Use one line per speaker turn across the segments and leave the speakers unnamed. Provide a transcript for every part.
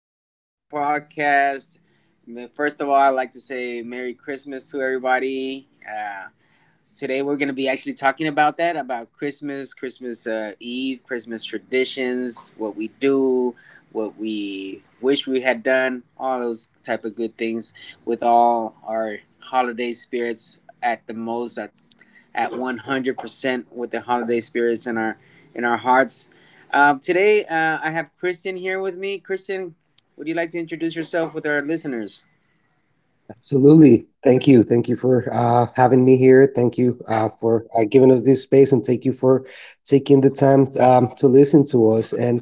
Welcome to the podcast. First of all, I'd like to say Merry Christmas to everybody. Today, we're going to be actually talking about that, about Christmas, Christmas Eve, Christmas traditions, what we do, what we wish we had done, all those type of good things with all our holiday spirits at the most, at 100% with the holiday spirits in our hearts. Today, I have Kristen here with me. Kristen, would you like to introduce yourself with our listeners?
Absolutely. Thank you. Thank you for having me here. Thank you for giving us this space, and thank you for taking the time to listen to us. And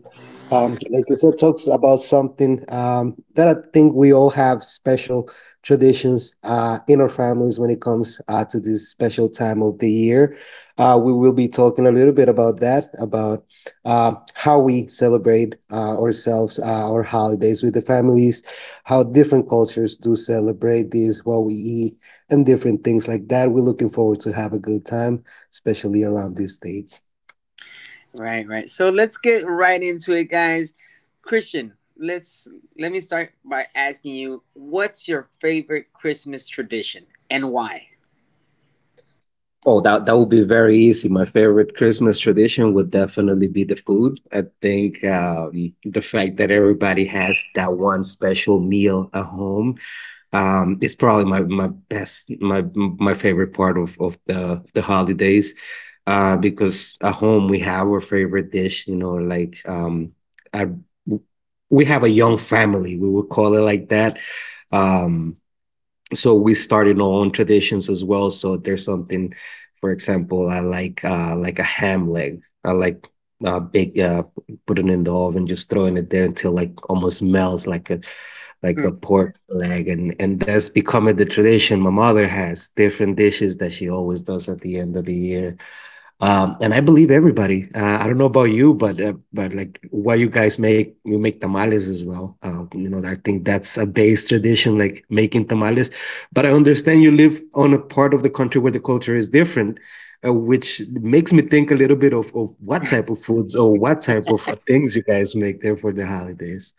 like you said, talks about something that I think we all have special traditions in our families when it comes to this special time of the year. We will be talking a little bit about that, about how we celebrate ourselves, our holidays with the families, how different cultures do celebrate this, what we eat, and different things like that. We're looking forward to have a good time, especially around these states.
Right, right. So let's get right into it, guys. Christian, let me start by asking you, what's your favorite Christmas tradition and why?
Oh, that would be very easy. My favorite Christmas tradition would definitely be the food. I think the fact that everybody has that one special meal at home, it's probably my best, my favorite part of the holidays, because at home we have our favorite dish, like, I, we have a young family, we would call it like that. Um, so we started our own traditions as well. So there's something, for example, I like, like a ham leg. I like, bake, put it in the oven, just throwing it there until like almost melts, like a pork leg, and that's becoming the tradition. My mother has different dishes that she always does at the end of the year, and I believe everybody. I don't know about you, but like what you guys make, you make tamales as well. I think that's a base tradition, like making tamales. But I understand you live on a part of the country where the culture is different, which makes me think a little bit of what type of foods or what type of things you guys make there for the holidays.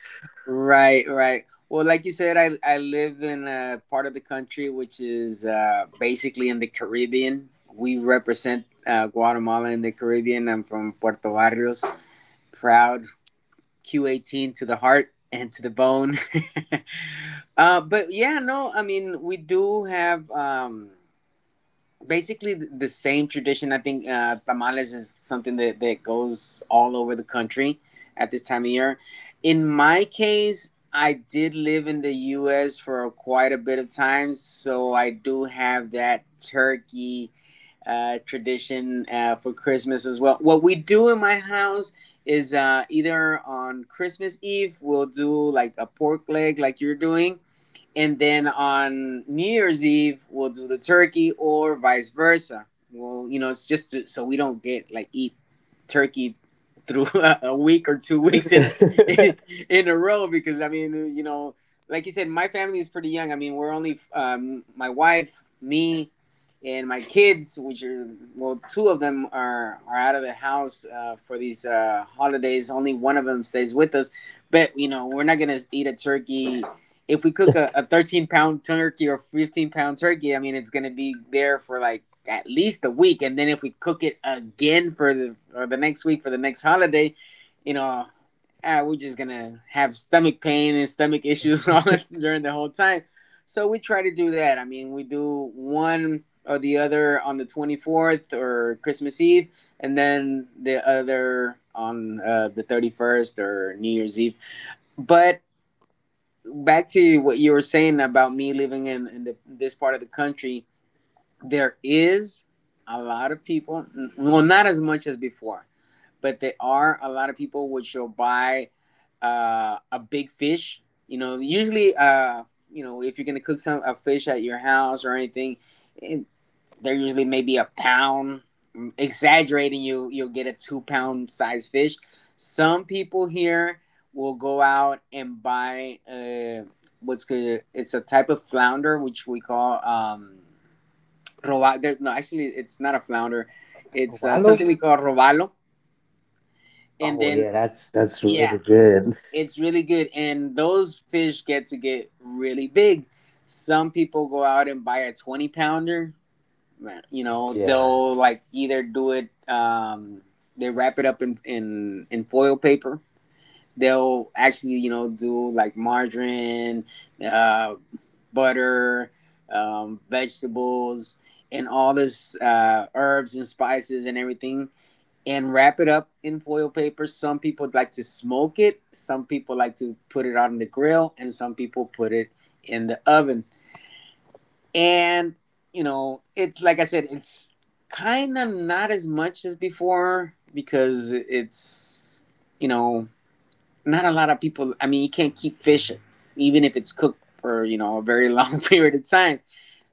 Right, right. Well, like you said, I live in a part of the country which is basically in the Caribbean. We represent Guatemala in the Caribbean. I'm from Puerto Barrios, proud Q18 to the heart and to the bone. But yeah, no, I mean we do have. Basically the same tradition. I think tamales is something that, that goes all over the country at this time of year. In my case, I did live in the U.S. for quite a bit of time, so I do have that turkey tradition for Christmas as well. What we do in my house is either on Christmas Eve we'll do like a pork leg, like you're doing, and then on New Year's Eve we'll do the turkey or vice versa. Well, you know, it's just to, so we don't get like eat turkey through a week or 2 weeks in, in in a row, because I mean, you know, like you said, my family is pretty young. I mean, we're only my wife, me, and my kids, which are, well, two of them are out of the house for these holidays. Only one of them stays with us, but you know, we're not gonna eat a turkey. If we cook a 13 pound turkey or 15 pound turkey, I mean, it's going to be there for like at least a week. And then if we cook it again for the, or the next week for the next holiday, you know, ah, we're just going to have stomach pain and stomach issues and all that during the whole time. So we try to do that. I mean, we do one or the other on the 24th or Christmas Eve, and then the other on the 31st or New Year's Eve. But back to what you were saying about me living in the, this part of the country, there is a lot of people, well, not as much as before, but there are a lot of people which will buy a big fish. You know, usually, you know, if you're going to cook some a fish at your house or anything, eh, they're usually maybe a pound. Exaggerating, you'll get a 2 pound size fish. Some people here will go out and buy what's good. It's a type of flounder which we call No, actually, it's not a flounder. It's
Robalo?
something we call robalo,
Oh
and
yeah,
then
that's really
yeah,
good.
it's really good. And those fish get to get really big. Some people go out and buy a 20 pounder. You know,
Yeah.
they'll like either do it, they wrap it up in foil paper. They'll actually, you know, do like margarine, uh, butter, vegetables and all this, herbs and spices and everything, and wrap it up in foil paper. Some people like to smoke it, some people like to put it on the grill, and some people put it in the oven. And, you know, it's like I said, it's kind of not as much as before, because it's, you know, not a lot of people. I mean, you can't keep fish even if it's cooked for, you know, a very long period of time.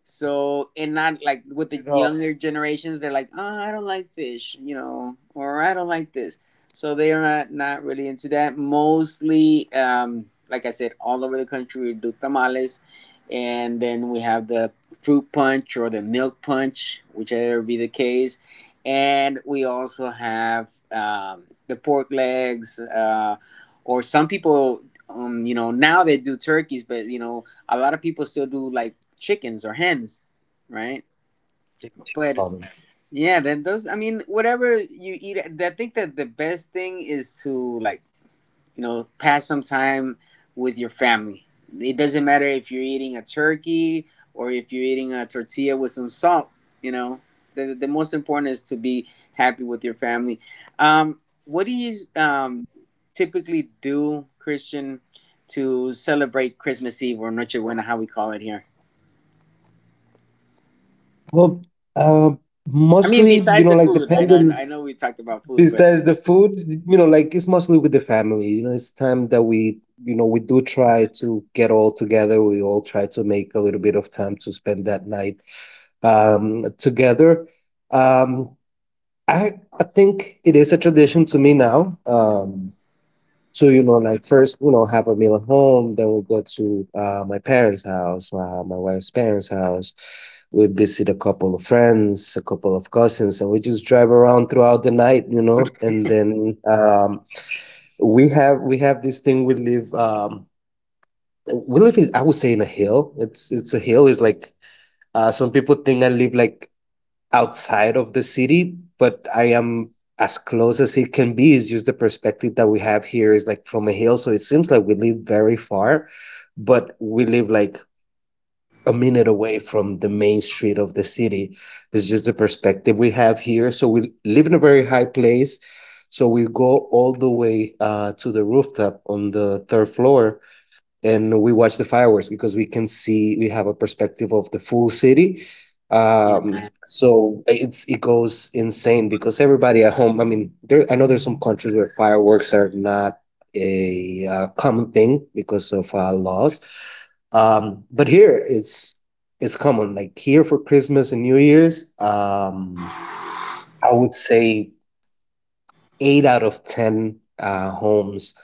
So, and not like with the
You know,
younger generations, they're like, oh, I don't like fish, you know, or I don't like this. So they are not, not really into that. Mostly, like I said, all over the country we do tamales, and then we have the fruit punch or the milk punch, whichever be the case, and we also have the pork legs, or some people, you know, now they do turkeys, but you know, a lot of people still do like chickens or hens, right?
things
But
common.
yeah, that those. I mean, whatever you eat, I think that the best thing is to, like, you know, pass some time with your family. It doesn't matter if you're eating a turkey or if you're eating a tortilla with some salt. You know, the most important is to be happy with your family. Um, what do you typically do, Christian, to celebrate Christmas Eve or Nochebuena, how we call it here?
Well, uh,
I mean,
mostly,
besides the
like,
food,
depending.
I know we talked about food, but
Besides the food, like, it's mostly with the family, it's time that we, we do try to get all together, we all try to make a little bit of time to spend that night together. Um i i think it is a tradition to me now. So, like first, have a meal at home, then we'll go to my parents' house, my wife's parents' house. We visit a couple of friends, a couple of cousins, and we just drive around throughout the night. And then we have this thing. We live, in I would say, in a hill. It's a hill. It's like, some people think I live like outside of the city, but I am as close as it can be. It's just the perspective that we have here is like from a hill. So it seems like we live very far, but we live like a minute away from the main street of the city. It's just the perspective we have here. So we live in a very high place. So we go all the way to the rooftop on the third floor and we watch the fireworks because we can see, we have a perspective of the full city. um
yeah,
so it's it goes insane because everybody at home, I mean, there I know there's some countries where fireworks are not a, common thing, because of laws, but here it's common. Like here, for Christmas and New Year's, I would say 8 out of 10, homes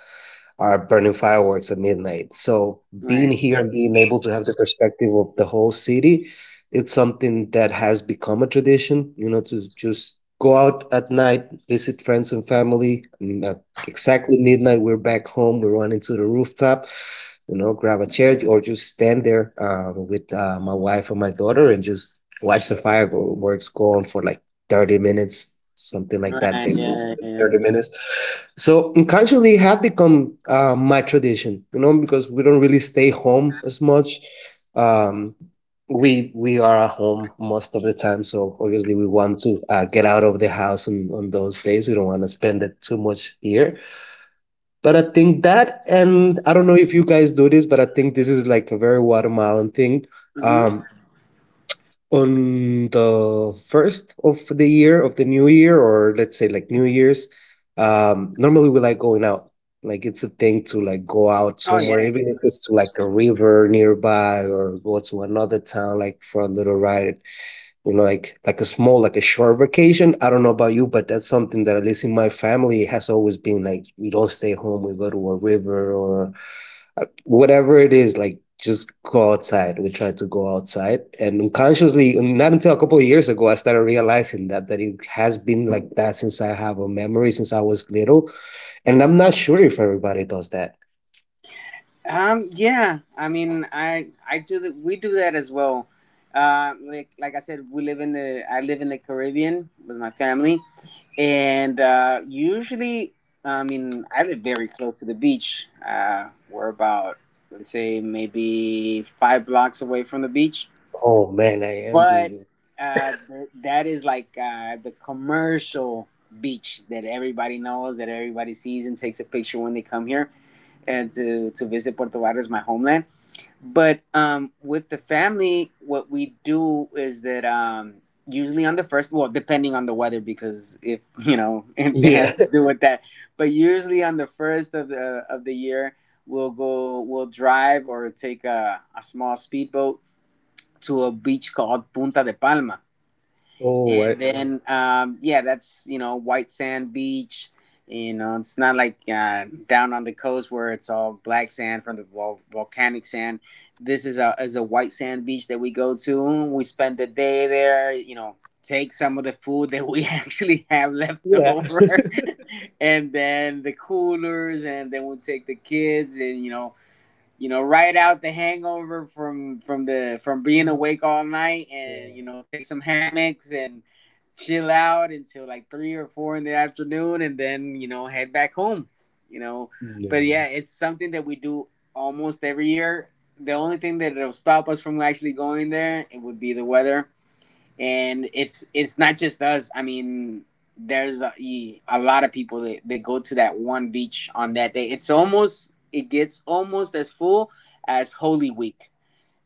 are burning fireworks at midnight. So being
right,
here and being able to have the perspective of the whole city, it's something that has become a tradition, to just go out at night, visit friends and family. And at exactly midnight, we're back home, we run into the rooftop. Grab a chair or just stand there with my wife and my daughter and just watch the fireworks go on for like 30 minutes, something like that.
right,
They
yeah,
go
yeah,
for like
yeah.
30 minutes, so unconsciously have become my tradition, because we don't really stay home as much. um, we are at home most of the time, so obviously we want to get out of the house on those days. We don't want to spend it too much here. But I think that, and I don't know if you guys do this, but I think this is like a very Guatemalan thing.
Mm-hmm.
um, on the first of the year, of the new year, or let's say like New Year's, normally we like going out. Like, it's a thing to like go out
Oh
somewhere,
yeah.
even if it's to like a river nearby, or go to another town like for a little ride, like a small, like a short vacation. I don't know about you, but that's something that at least in my family it has always been like, we don't stay home, we go to a river or whatever it is, like just go outside. We tried to go outside, and unconsciously, not until a couple of years ago, I started realizing that it has been like that since I have a memory, since I was little. And I'm not sure if everybody does that.
Yeah. I mean, I do that. We do that as well. Like I said, we live in the I live in the Caribbean with my family, and usually, I mean, I live very close to the beach. We're about, let's say, maybe five blocks away from the beach,
Oh man, I envy
but
you.
that is like the commercial beach that everybody knows, that everybody sees and takes a picture when they come here and to visit Puerto Vallarta, my homeland. But with the family, what we do is that usually on the first, well, depending on the weather, because if you know it has
Yeah.
to do with that. But usually on the first of the year, we'll go, we'll drive or take a small speedboat to a beach called Punta de Palma,
Oh,
and then yeah, that's, you know, white sand beach. You know, it's not like down on the coast where it's all black sand from the volcanic sand. This is a white sand beach that we go to. We spend the day there. You know, take some of the food that we actually have left
yeah.
over, and then the coolers, and then we take the kids, and you know, ride out the hangover from the from being awake all night, and
Yeah,
you know, take some hammocks and chill out until like three or four in the afternoon, and then, you know, head back home. You know, but
yeah.
yeah, it's something that we do almost every year. The only thing that it'll stop us from actually going there, it would be the weather, and it's not just us. I mean, there's a, e, a lot of people that, that go to that one beach on that day. It's almost, it gets almost as full as Holy Week,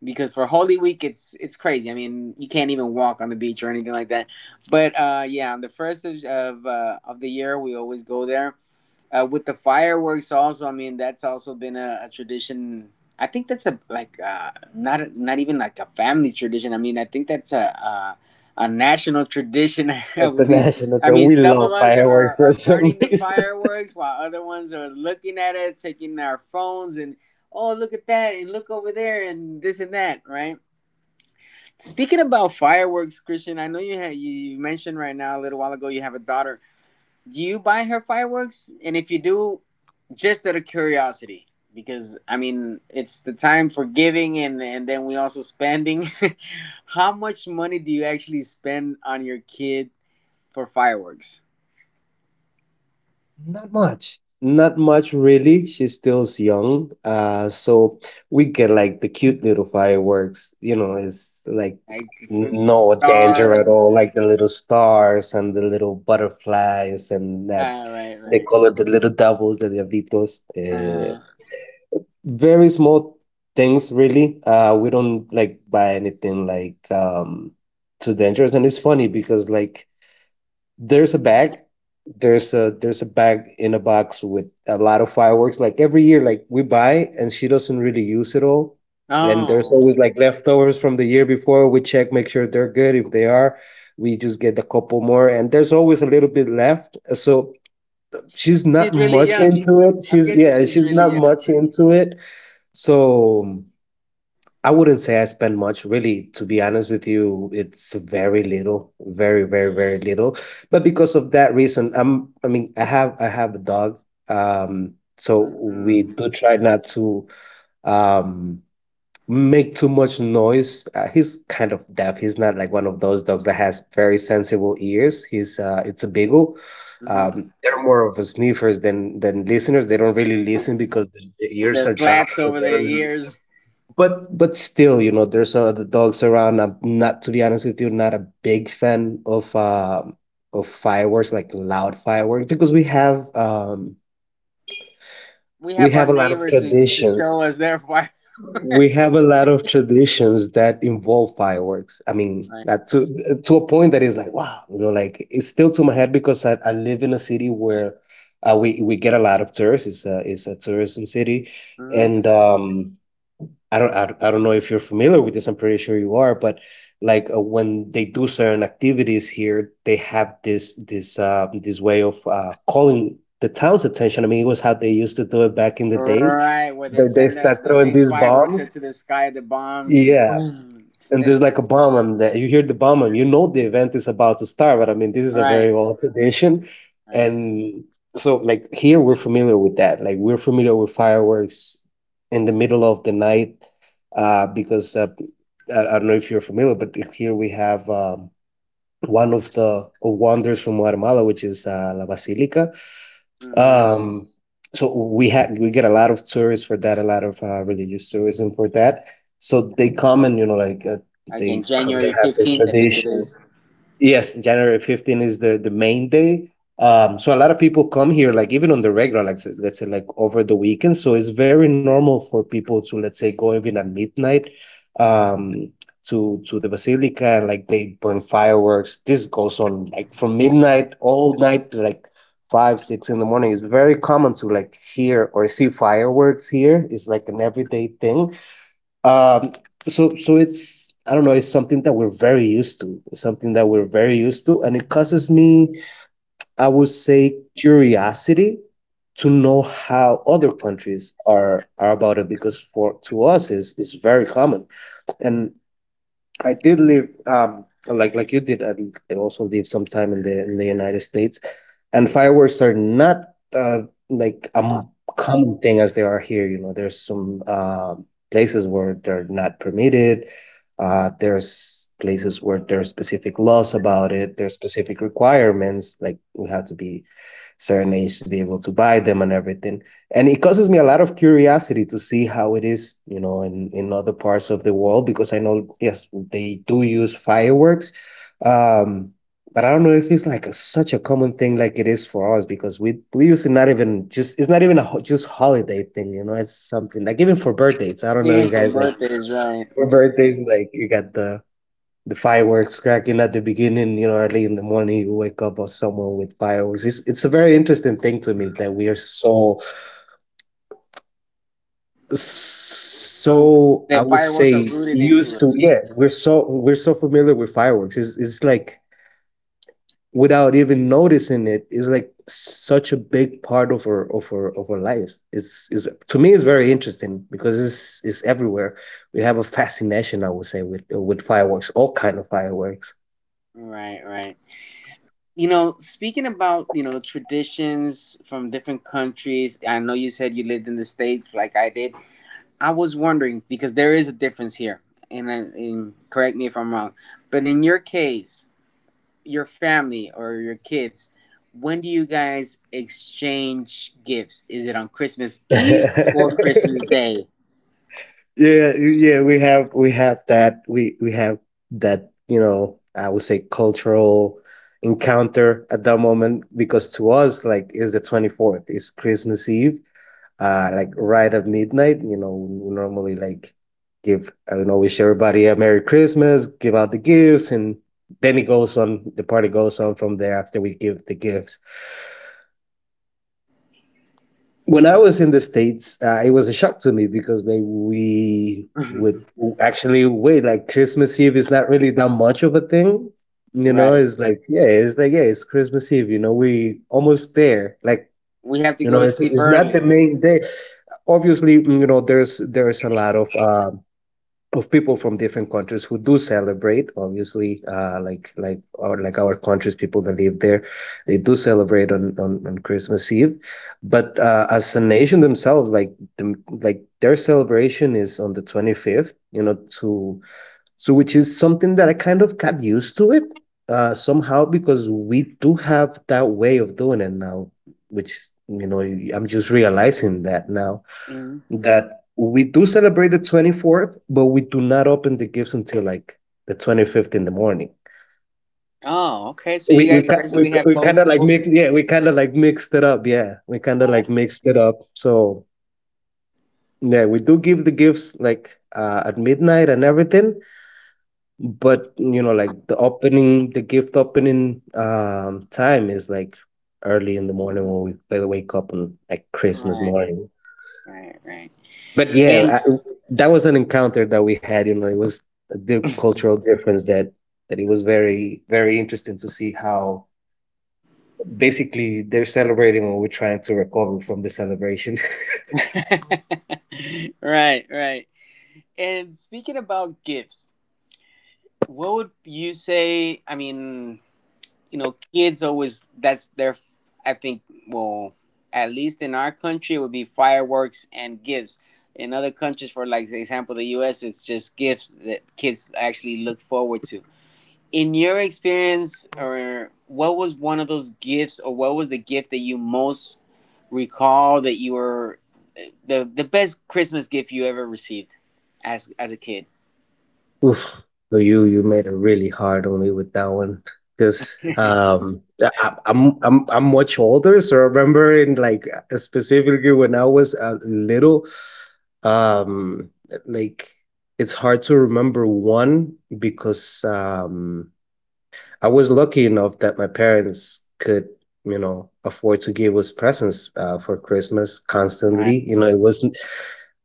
because for Holy Week it's crazy. I mean, you can't even walk on the beach or anything like that. But yeah, on the first of the year, we always go there, with the fireworks also. I mean, that's also been a tradition. I think that's a like not even like a family tradition. I mean, I think that's a national tradition. I
That's a
believe,
national.
I mean,
We
some of
love
us
fireworks for
are
some
burning the
reason.
fireworks while other ones are looking at it, taking our phones, and oh, look at that and look over there and this and that. Right, speaking about fireworks, Christian, I know you had, you mentioned right now a little while ago you have a daughter. Do you buy her fireworks? And if you do, just out of curiosity, because I mean, it's the time for giving, and then we also spending. How much money do you actually spend on your kid for fireworks?
Not much. Not much really. She stills young. So we get like the cute little fireworks. It's like
Like
no danger at
stars?
all, like the little stars and the little butterflies, and that
Ah, right,
they
right.
call it the little devils, the diablitos.
Uh,
Very small things really. We don't like buy anything like too dangerous. And it's funny because like there's a bag there's a bag in a box with a lot of fireworks, like every year like we buy and she doesn't really use it all, and there's
oh,
always like leftovers from the year before. We check, make sure they're good. If they are, we just get a couple more, and there's always a little bit left, so she's not
she's really
much
young.
into it.
I'm
She's,
guessing
yeah,
she's
she's not
really
much into it, so I wouldn't say I spend much, really. To be honest with you, it's very little, very, very, very, little. But because of that reason, I'm. I mean, I have a dog. So
young.
we
Hmm,
do try not to um make too much noise. He's kind of deaf. He's not like one of those dogs that has very sensible ears. He's It's a beagle.
hmm.
They're more of a sniffers than listeners. They don't really listen because the ears
The
are dropped,
flaps
so
over
they
the
don't,
ears.
but still, there's some other dogs around. I'm not, to be honest with you, not a big fan of fireworks, like loud fireworks, because we have um
We
we
have our
have a lot of
neighbors to
traditions.
show us their fireworks.
We have a lot of traditions that involve fireworks. I mean,
Right.
that, to a point that is like, wow, like it's still to my head because I live in a city where we get a lot of tourists. It's a tourism city,
Hmm.
and I don't know if you're familiar with this. I'm pretty sure you are, but like when they do certain activities here, they have this way of calling the town's attention. I mean, it was how they used to do it back in the days.
Right, where they
They
send up
start
the
throwing
big
these
fireworks up
bombs.
to the sky, the bombs, and
Yeah,
boom.
and
It,
there's like a bomb on, that you hear the bomb and you know the event is about to start. But I mean, this is a
right,
very old tradition,
right.
and so like here we're familiar with that, like we're familiar with fireworks in the middle of the night, because I don't know if you're familiar, but here we have one of the wonders from Guatemala, which is la Basilica.
Mm-hmm.
um, so we get a lot of tourists for that, a lot of religious tourism for that. So they come, and
Again,
they
January
have their
15th, I think it is.
traditions. Yes, January 15th is the main day. So a lot of people come here, like even on the regular, like let's say like over the weekend. So it's very normal for people to, let's say, go even at midnight, um, to the Basilica, and like they burn fireworks. This goes on like from midnight all night to, like, five six in the morning. It's very common to like hear or see fireworks here. It's like an everyday thing. Um so so it's, I don't know, it's something that we're very used to, something that we're very used to, and it causes me, I would say, curiosity to know how other countries are about it because for to us is very common. And I did live, like you did, I also lived some time in the United States, and fireworks are not uh, like a common thing as they are here. You know, there's some places where they're not permitted. There's places where there are specific laws about it. There's specific requirements, like you have to be certain age to be able to buy them and everything. And it causes me a lot of curiosity to see how it is, you know, in, other parts of the world because I know, yes, they do use fireworks. Um, but I don't know if it's like a, such a common thing like it is for us because we use it, not even just it's not even a just holiday thing, you know. It's something like even for birthdays, I don't know,
Even
you
for
guys, like
birthdays, right.
for birthdays, like you got the fireworks cracking at the beginning, you know, early in the morning, you wake up or someone with fireworks. It's a very interesting thing to me that we are so
So
so I
the
would
fireworks are
say,
rooted into
used to.
us.
Yeah, we're so familiar with fireworks. It's like, without even noticing it, it's like such a big part of our lives. It's, to me, it's very interesting because it's everywhere. We have a fascination, I would say, with fireworks, all kind of fireworks.
Right, right. You know, speaking about, you know, traditions from different countries, I know you said you lived in the States like I did. I was wondering, because there is a difference here, and, I, and correct me if I'm wrong, but in your case, your family or your kids, when do you guys exchange gifts? Is it on Christmas Eve or Christmas Day?
Yeah, yeah, we have that, we have that, you know, I would say, cultural encounter at that moment because to us, like, is the 24th, it's Christmas Eve, like right at midnight, you know, we normally, like, give, I don't know, wish everybody a Merry Christmas, give out the gifts and then it goes on the party goes on from there after we give the gifts. When I was in the States, it was a shock to me because, like, we would actually wait. Like, Christmas Eve is not really that much of a thing. You know,
Right.
it's like, yeah, it's like, yeah, it's Christmas Eve. You know, we almost there. Like,
We have to
you
go
know,
to
it's,
sleep
it's not the
early.
main day. Obviously, you know, there's a lot of people from different countries who do celebrate, obviously, like our country's people that live there. They do celebrate on Christmas Eve, but as a nation themselves, like their celebration is on the 25th, you know, to so which is something that I kind of got used to it somehow because we do have that way of doing it now, which, you know, I'm just realizing that now
Hmm.
that we do celebrate the 24th, but we do not open the gifts until like the 25th in the morning.
Oh, okay. So you
We we
guys
we,
basically have
we kind
both.
of like
both
mixed, yeah, we kind of
Oh,
like
that's
mixed it up. So yeah, we do give the gifts like, at midnight and everything, but you know, like, the gift opening time is like early in the morning when we wake up on, like, Christmas
right,
morning.
right, right.
But yeah,
And
that was an encounter that we had. You know, it was the cultural difference that, it was very, very interesting to see how basically they're celebrating when we're trying to recover from the celebration.
right, right. And speaking about gifts, what would you say? I mean, you know, kids always that's their I think well, At least in our country it would be fireworks and gifts. In other countries for like example the US it's just gifts that kids actually look forward to. In your experience, or what was one of those gifts, or what was the gift that you most recall, that you were the best Christmas gift you ever received as a kid?
Oof. So you made it really hard on me with that one because
Right.
I'm much older, so I remember, in like, specifically when I was, little, um like, it's hard to remember one because I was lucky enough that my parents could, you know, afford to give us presents for Christmas constantly. You know, it wasn't,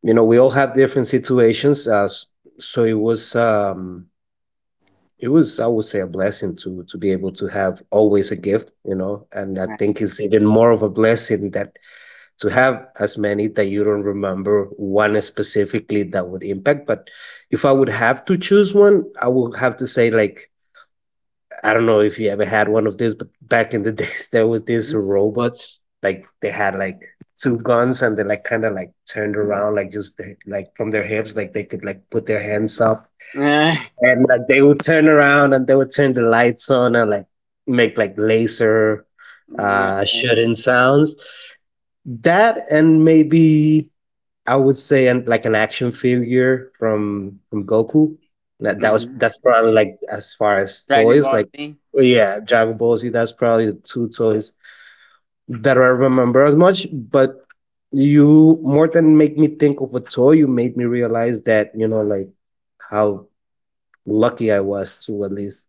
you know, we all have different situations, so it was, I would say, a blessing to be able to have always a gift, you know, and I
Right.
think it's even more of a blessing that to have as many that you don't remember one specifically that would impact. But if I would have to choose one, I would have to say, like, I don't know if you ever had one of these, but back in the days there was these robots, like, they had like two guns and they like kind of like turned around, like like from their hips, like they could like put their hands up and like they would turn around and they would turn the lights on and like make like laser shooting
Right.
sounds, that and maybe, I would say, and like an action figure from Goku, that that was
Right.
that's probably, like, as far as
Dragon
toys,
Ball
like,
Z.
yeah, Dragon Ball Z. That's probably the two toys that I remember as much. But you, more than make me think of a toy, you made me realize that, you know, like, how lucky I was to at least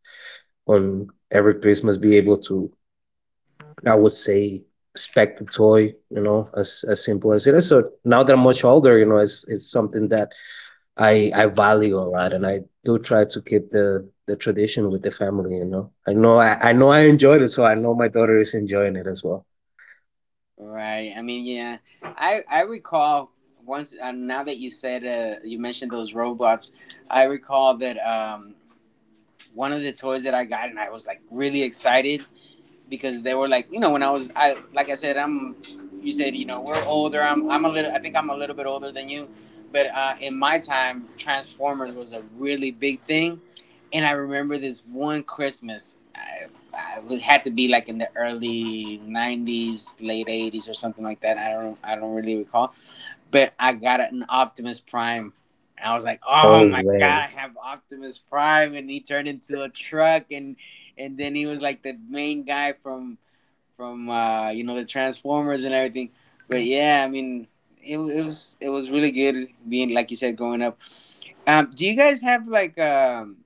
on every Christmas be able to, I would say, spec the toy, you know, as simple as it is. So now that I'm much older, you know, it's something that I value a lot, and I do try to keep the tradition with the family, you know. I know I enjoyed it, so I know my daughter is enjoying it as well.
Right. I mean, yeah. I recall once, now that you said, you mentioned those robots, I recall that, one of the toys that I got, and I was like really excited because they were like, you know, when I was, I like I said, I'm. You said, you know, we're older. I'm a little. I think I'm a little bit older than you, but in my time, Transformers was a really big thing, and I remember this one Christmas. I it had to be like in the early '90s, late '80s, or something like that. I don't really recall, but I got an Optimus Prime. And I was like,
Oh
oh my
man.
god, I have Optimus Prime, and he turned into a truck, and then he was like the main guy from you know, the Transformers and everything. But yeah, I mean, it was really good being, like you said, growing up. Do you guys have like,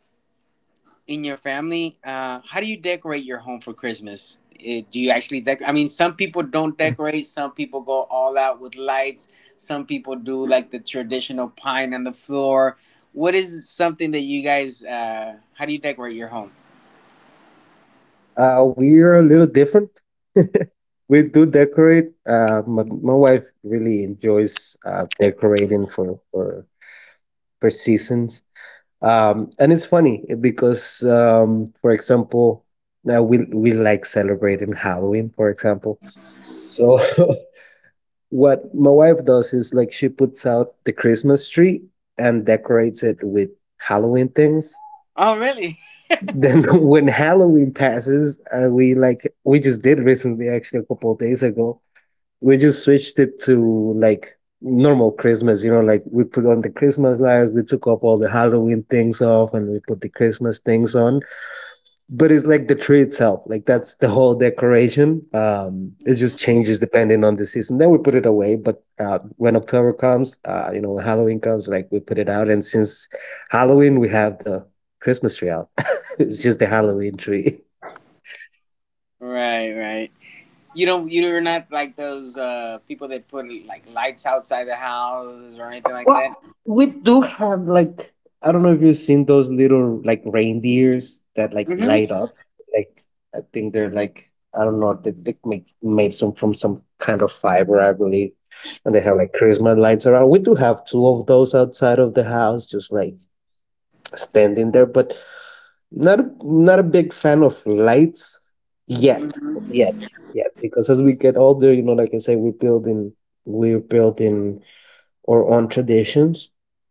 in your family, how do you decorate your home for Christmas? Eh, do you actually decorate? I mean, some people don't decorate. Some people go all out with lights. Some people do like the traditional pine on the floor. What is something that you guys? How do you decorate your home?
We're a little different. We do decorate. My wife really enjoys, decorating for seasons. And it's funny because, for example, now we like celebrating Halloween, for example. So what my wife does is, like, she puts out the Christmas tree and decorates it with Halloween things.
Oh, really?
Then when Halloween passes, we just did recently, actually a couple of days ago. We just switched it to, like, normal Christmas, you know, like, we put on the Christmas lights, we took off all the Halloween things off, and we put the Christmas things on, but it's like the tree itself, like, that's the whole decoration. It just
Hmm.
changes depending on the season, then we put it away. But when October comes, you know, when Halloween comes, like, we put it out, and since Halloween we have the Christmas tree out. It's just the Halloween tree.
Right, right. You don't. You're not like those, people that put like lights outside the house or anything like
Well,
that.
we do have, like, I don't know if you've seen those little, like, reindeers that, like,
Mm-hmm.
light up. Like, I think they're, like, I don't know, they like make made some from some kind of fiber, I believe. And they have like Christmas lights around. We do have two of those outside of the house, just like standing there. But not a big fan of lights yet, yet, yet. Because as we get older, you know, like I say, we're building or on traditions.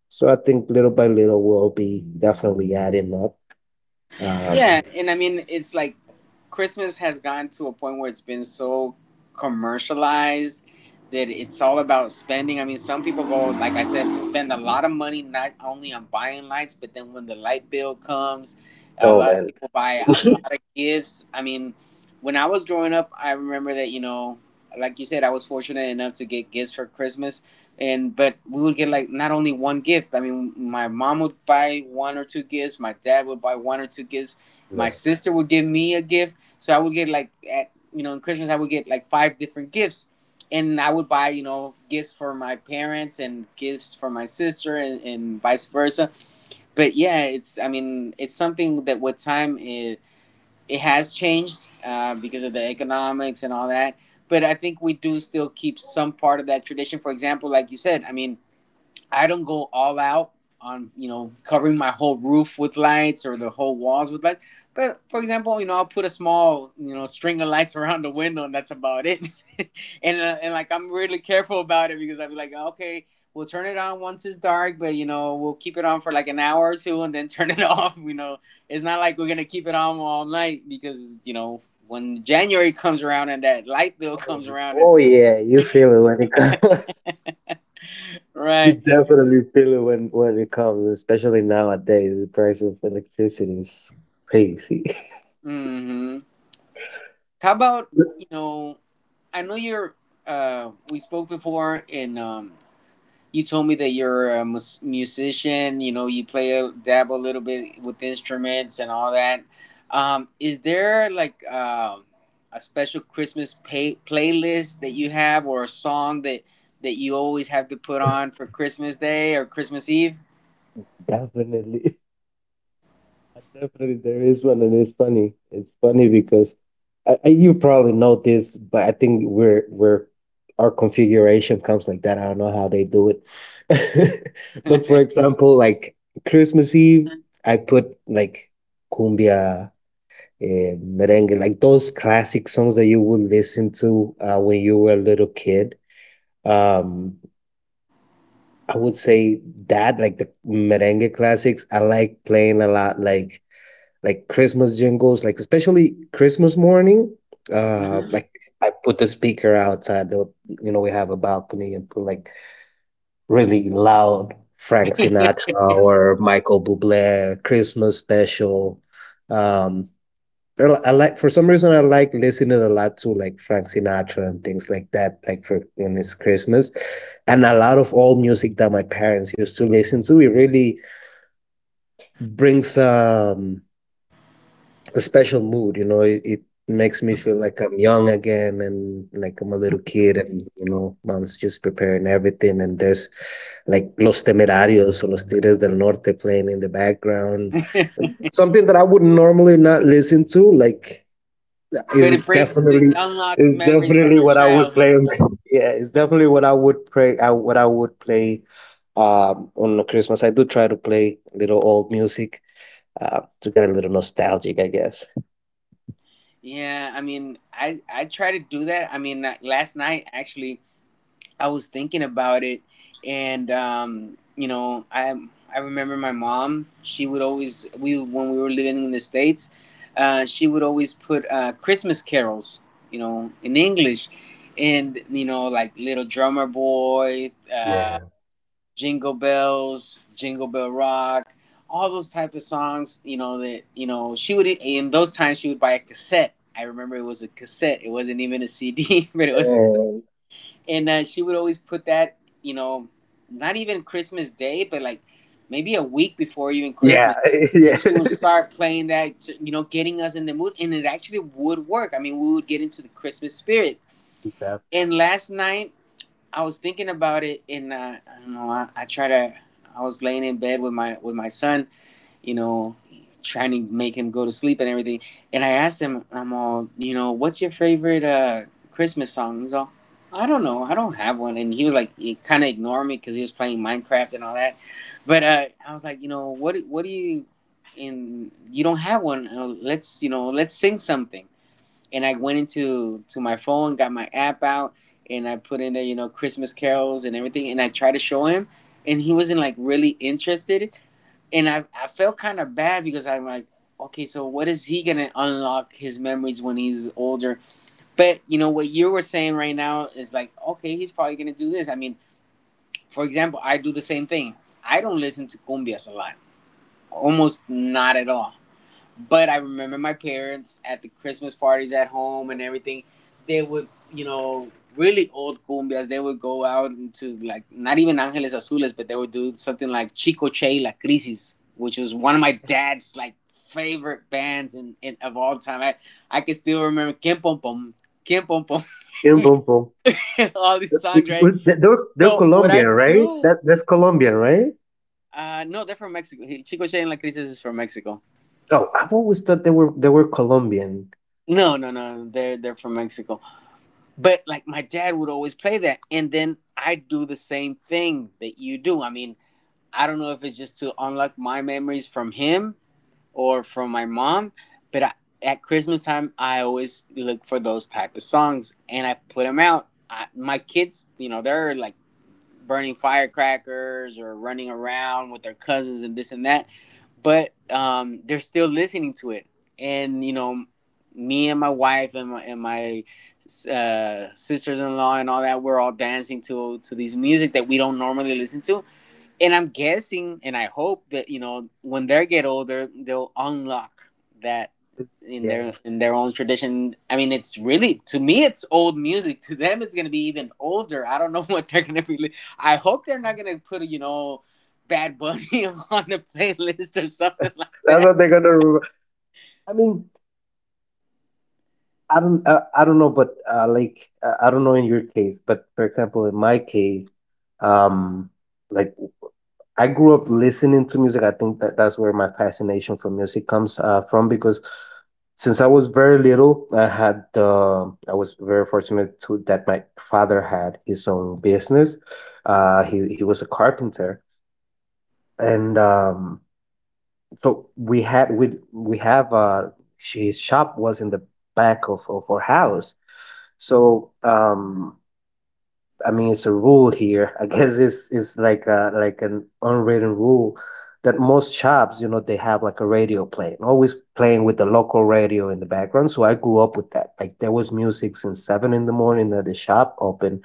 So I think little by little we'll be definitely adding up. Um,
Yeah, and I mean it's like Christmas has gotten to a point where it's been so commercialized that it's all about spending. I mean, some people go, like I said, spend a lot of money not only on buying lights, but then when the light bill comes, a
oh
lot of
man,
people buy a lot of gifts. I mean, when I was growing up, I remember that, you know, like you said, I was fortunate enough to get gifts for Christmas, and but we would get like not only one gift. I mean, my mom would buy one or two gifts, my dad would buy one or two gifts, my
no.
sister would give me a gift, so I would get like at, you know, in Christmas I would get like five different gifts, and I would buy, you know, gifts for my parents and gifts for my sister, and vice versa. But yeah, it's, I mean it's something that with time it has changed, because of the economics and all that. But I think we do still keep some part of that tradition. For example, like you said, I mean I don't go all out on, you know, covering my whole roof with lights or the whole walls with lights. But for example, you know, I'll put a small, you know, string of lights around the window, and that's about it. And like I'm really careful about it because I'd be like, okay, we'll turn it on once it's dark, but you know, we'll keep it on for like an hour or two, and then turn it off. You know, it's not like we're gonna keep it on all night, because you know, when January comes around and that light bill
oh,
comes around,
oh
it's
yeah, you feel it when it comes. You
right.
definitely feel it when it comes, especially nowadays. The price of electricity is crazy.
Hmm. How about, you know, I know you're. We spoke before, and you told me that you're a musician. You know, you play a dabble a little bit with instruments and all that. Is there like, a special Christmas playlist that you have, or a song that you always have to put on for Christmas Day or Christmas Eve?
Definitely. Definitely, there is one, and it's funny. It's funny because you probably know this, but I think we're our configuration comes like that. I don't know how they do it, but, for example, like Christmas Eve, I put like cumbia, merengue, like those classic songs that you would listen to, when you were a little kid. Um, I would say that, like, the merengue classics. I like playing a lot, like Christmas jingles, like especially Christmas morning.
Mhm.
Like, I put the speaker outside the, you know, we have a balcony, and put like really loud Frank Sinatra or Michael Bublé Christmas special. Um, I like, for some reason, I like listening a lot to, like, Frank Sinatra and things like that, like for when it's Christmas, and a lot of old music that my parents used to listen to. It really brings a special mood. You know, it makes me feel like I'm young again, and like I'm a little kid, and you know, mom's just preparing everything and there's like Los Temerarios or Los Tigres del Norte playing in the background.
But
Something that I would normally not listen to, like, is
it brings, it
definitely
unlocks
is
memories from
definitely
your
what I would
childhood.
play. Yeah, it's definitely what I would play. What I would play on Christmas. I do try to play little old music to get a little nostalgic, I guess.
Yeah, I mean, I try to do that. I mean, last night actually, I was thinking about it, and you know, I remember my mom. She would always we when we were living in the states, she would always put, Christmas carols, you know, in English, and you know, like Little Drummer Boy,
Yeah.
Jingle Bells, Jingle Bell Rock, all those type of songs, you know, that, you know, she would, in those times, she would buy a cassette. I remember it was a cassette. It wasn't even a CD, but it was a cassette.
And
And she would always put that, you know, not even Christmas Day, but like maybe a week before even
yeah,
Christmas. That
yeah.
She would start playing that, to, you know, getting us in the mood. And it actually would work. I mean, we would get into the Christmas spirit.
Def-
And last night, I was thinking about it, and I don't know. I try to. I was laying in bed with my son, you know, trying to make him go to sleep and everything. And I asked him, I'm all, you know, what's your favorite, Christmas song? He's all, I don't know, I don't have one. And he was like, he kind of ignored me because he was playing Minecraft and all that. But I was like, you know, what do you? And you don't have one. Let's you know, let's sing something, and I went into to my phone, got my app out, and I put in there, you know, Christmas carols and everything, and I tried to show him, and he wasn't like really interested, and I felt kind of bad, because I'm like, okay, so what is he gonna unlock his memories when he's older? But you know what you were saying right now is like, okay, he's probably gonna do this. I mean, for example, I do the same thing. I don't listen to cumbias a lot, almost not at all. But I remember my parents at the Christmas parties at home and everything. They would, you know, really old cumbias. They would go out into like not even Angeles Azules, but they would do something like Chicoche Che La Crisis, which was one of my dad's like favorite bands in of all time. I can still remember Kim Pom Pom, Kim Pom Pom,
Boom, boom. Pom.
all these songs, right?
They're
So what
Colombian,
I
right?
do?
That's Colombian, right?
No, they're from Mexico. Chicoche Che La Crisis is from Mexico.
Oh, I've always thought they were Colombian.
No, no, no, they're from Mexico. But like my dad would always play that, and then I do the same thing that you do. I mean, I don't know if it's just to unlock my memories from him or from my mom, but I, at Christmas time I always look for those type of songs and I put them out. My kids, you know, they're like burning firecrackers or running around with their cousins and this and that, but they're still listening to it. And you know, me and my wife and my, sisters-in-law and all that, we're all dancing to these music that we don't normally listen to, and I'm guessing, and I hope that, you know, when they get older, they'll unlock that
Yeah.
in their own tradition. I mean, it's really to me, it's old music. To them, it's gonna be even older. I don't know what they're gonna be. I hope they're not gonna put, you know, Bad Bunny on the playlist or something like
That's
that.
what they're gonna remember. I mean, I don't know, but like I don't know in your case, but for example, in my case, um, like I grew up listening to music. I think that that's where my fascination for music comes from because since I was very little, I was very fortunate to that my father had his own business. He was a carpenter, and so we had we have his shop was in the back of our house, so I mean, it's a rule here. I guess it's like like an unwritten rule that most shops, they have like a radio playing, always playing with the local radio in the background. So I grew up with that. Like there was music since 7 in the morning at the shop open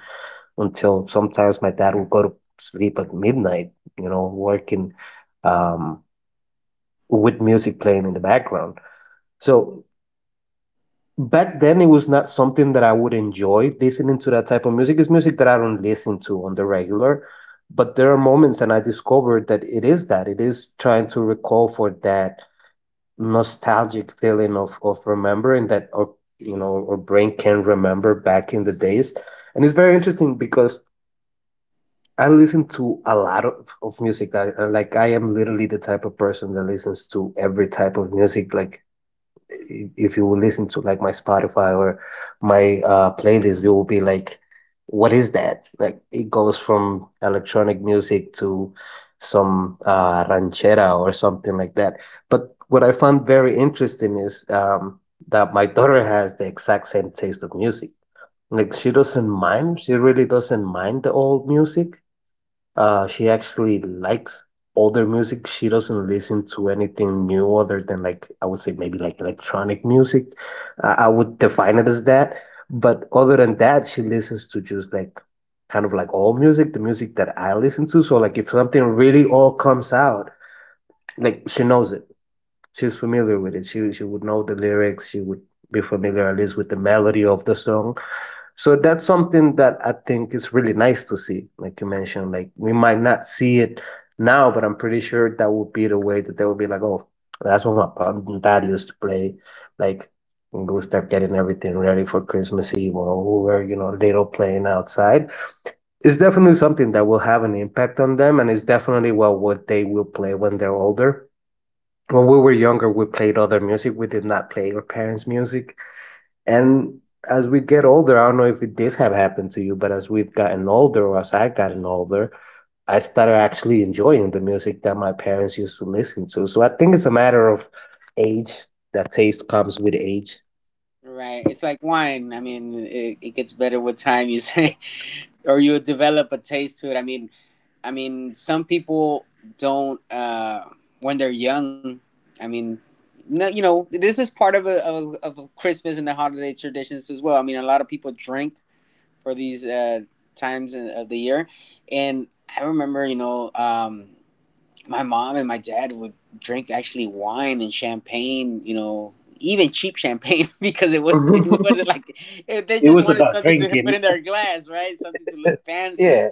until sometimes my dad would go to sleep at midnight. You know, working um, with music playing in the background. So back then it was not something that I would enjoy listening to, that type of music. It's music that I don't listen to on the regular, but there are moments, and I discovered that it is trying to recall for that nostalgic feeling of remembering that, or you know, our brain can remember back in the days, and it's very interesting because I listen to a lot of music. Like I am literally the type of person that listens to every type of music. Like if you listen to like my Spotify or my playlist, you will be like, "What is that?" Like it goes from electronic music to some ranchera or something like that. But what I found very interesting is that my daughter has the exact same taste of music. Like she doesn't mind. She really doesn't mind the old music. She actually likes older music. She doesn't listen to anything new other than like I would say maybe like electronic music. I would define it as that. But other than that, she listens to just like kind of like all music, the music that I listen to. So like if something really all comes out, like she knows it. She's familiar with it. She would know the lyrics. She would be familiar at least with the melody of the song, so that's something that I think is really nice to see. Like you mentioned, like we might not see it now, but I'm pretty sure that would be the way that they would be like, oh, that's what my pop and dad used to play. Like, and we'll start getting everything ready for Christmas Eve, or we were, little playing outside. It's definitely something that will have an impact on them, and it's definitely well what they will play when they're older. When we were younger, we played other music. We did not play our parents' music, and as we get older, I don't know if this have happened to you, but as we've gotten older, or as I've gotten older, I started actually enjoying the music that my parents used to listen to. So I think it's a matter of age. That taste comes with age.
Right? It's like wine. I mean, it gets better with time. You say, or you develop a taste to it. I mean, some people don't, when they're young. I mean, no, you know, this is part of a Christmas and the holiday traditions as well. I mean, a lot of people drink for these, times of the year, and I remember, you know, my mom and my dad would drink actually wine and champagne, you know. Even cheap champagne because it was it wasn't like they
It
just
was
wanted
about
something to put
drinking.
in their glass, right? Something to look fancy,
Yeah.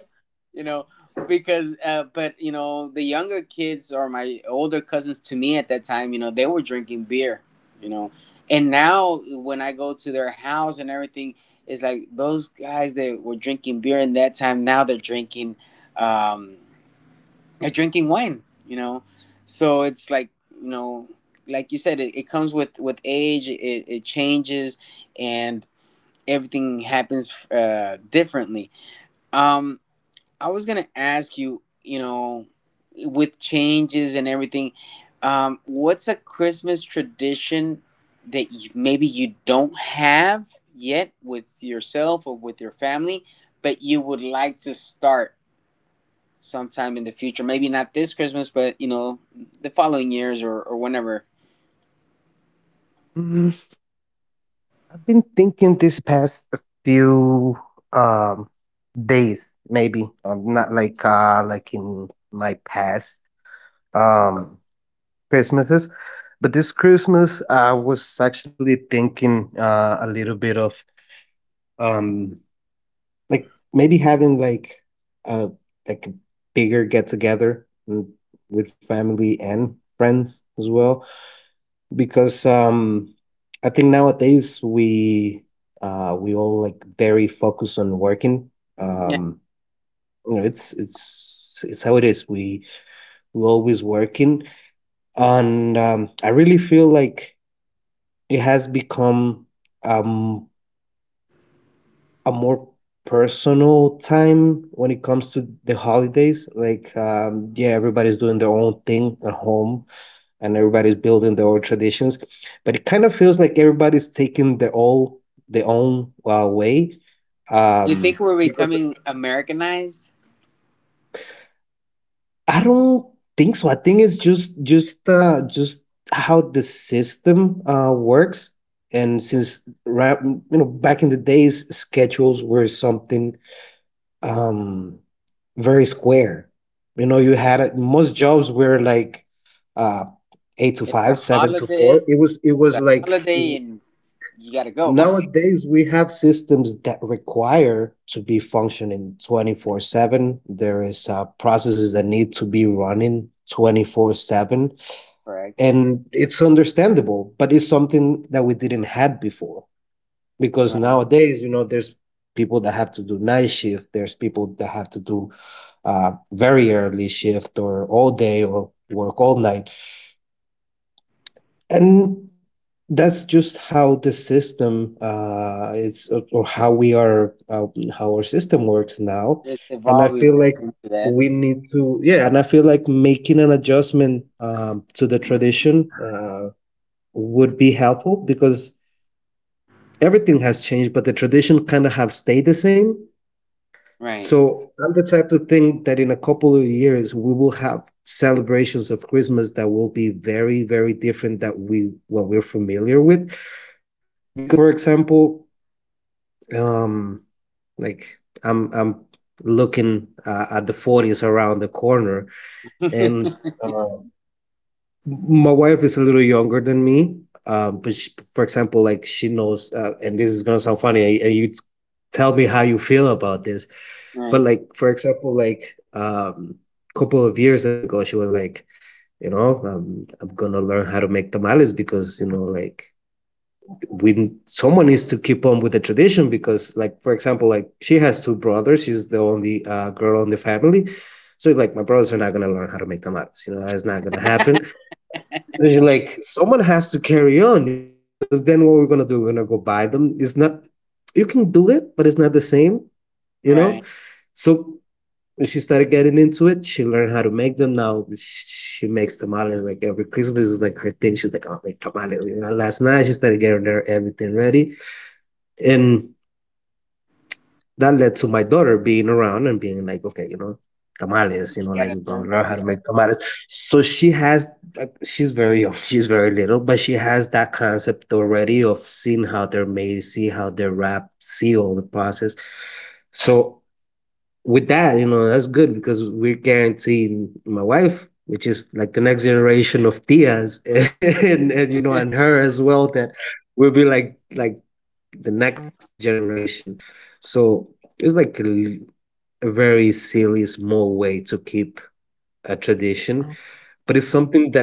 you know, because but you know, the younger kids or my older cousins to me at that time, you know, they were drinking beer, you know. And now when I go to their house and everything, it's like those guys that were drinking beer in that time, now they're drinking um wine, you know. So it's like, you know, like you said, it comes with age, it changes and everything happens differently. um I was gonna ask you, you know, with changes and everything, what's a Christmas tradition that you, maybe you don't have yet with yourself or with your family, but you would like to start sometime in the future? Maybe not this Christmas, but you know, the following years or whenever.
Mm, I've been thinking this past few um days, maybe. Not like like in my past um Christmases. But this Christmas I was actually thinking a little bit of um like, maybe having, a like, a bigger get-together with family and friends as well, because, I think nowadays we all, like, very focused on working,
Yeah.
um, it's how it is, we always working, and, I really feel like it has become, um a more personal time when it comes to the holidays. Like, yeah, everybody's doing their own thing at home, and everybody's building their own traditions, but it kind of feels like everybody's taking their all their own way.
You think we're
Because
becoming Americanized?
I don't think so. I think it's just how the system works. And since you know, back in the days, schedules were something. Um, very square. You know, you had most jobs were like uh, eight to
It's a
five, seven to four.
holiday.
It was it
It's
was
a
like,
holiday, and you gotta go.
nowadays we have systems that require to be functioning 24/7. There is processes that need to be running 24/7,
Correct.
and it's understandable, but it's something that we didn't had before, because
Right.
nowadays you know there's people that have to do night shift, there's people that have to do very early shift, or all day, or work all night. And that's just how the system is, or how we are, how our system works now.
It's
And I
evolving
feel like
into
we
that.
need to, yeah, and I feel like making an adjustment to the tradition would be helpful because everything has changed, but the tradition kind of have stayed the same.
Right.
So I'm the type to think that in a couple of years we will have celebrations of Christmas that will be very, very different that we what we're familiar with. Because for example, um, like I'm looking at the 40s around the corner, and um, my wife is a little younger than me. But she, for example, like she knows, and this is gonna sound funny, and you tell me how you feel about this,
Right.
but like for example, like couple of years ago, she was like, you know, I'm gonna learn how to make tamales because you know, like we someone needs to keep on with the tradition, because like for example like she has two brothers, she's the only girl in the family, so it's like my brothers are not going to learn how to make tamales, you know, that's not going to happen, so she's like, someone has to carry on, you know, because then what we're going to do, we're going to go buy them, it's not, you can do it, but it's not the same, you know,
Right.
so she started getting into it. She learned how to make them. Now she makes tamales, like every Christmas is like her thing. She's like, I'll make tamales. You know, last night she started getting her everything ready, and that led to my daughter being around and being like, okay, you know, tamales. You
You
know, like
gotta
we're
learn
gonna learn how
to,
to make tamales. So she has, she's very young. She's very little, but she has that concept already of seeing how they're made, see how they're wrapped, see all the process. So with that, you know, that's good because we're guaranteeing my wife, which is like the next generation of Tias, and you know, and her as well, that will be like the next generation. So it's like a very silly, small way to keep a tradition, but it's something that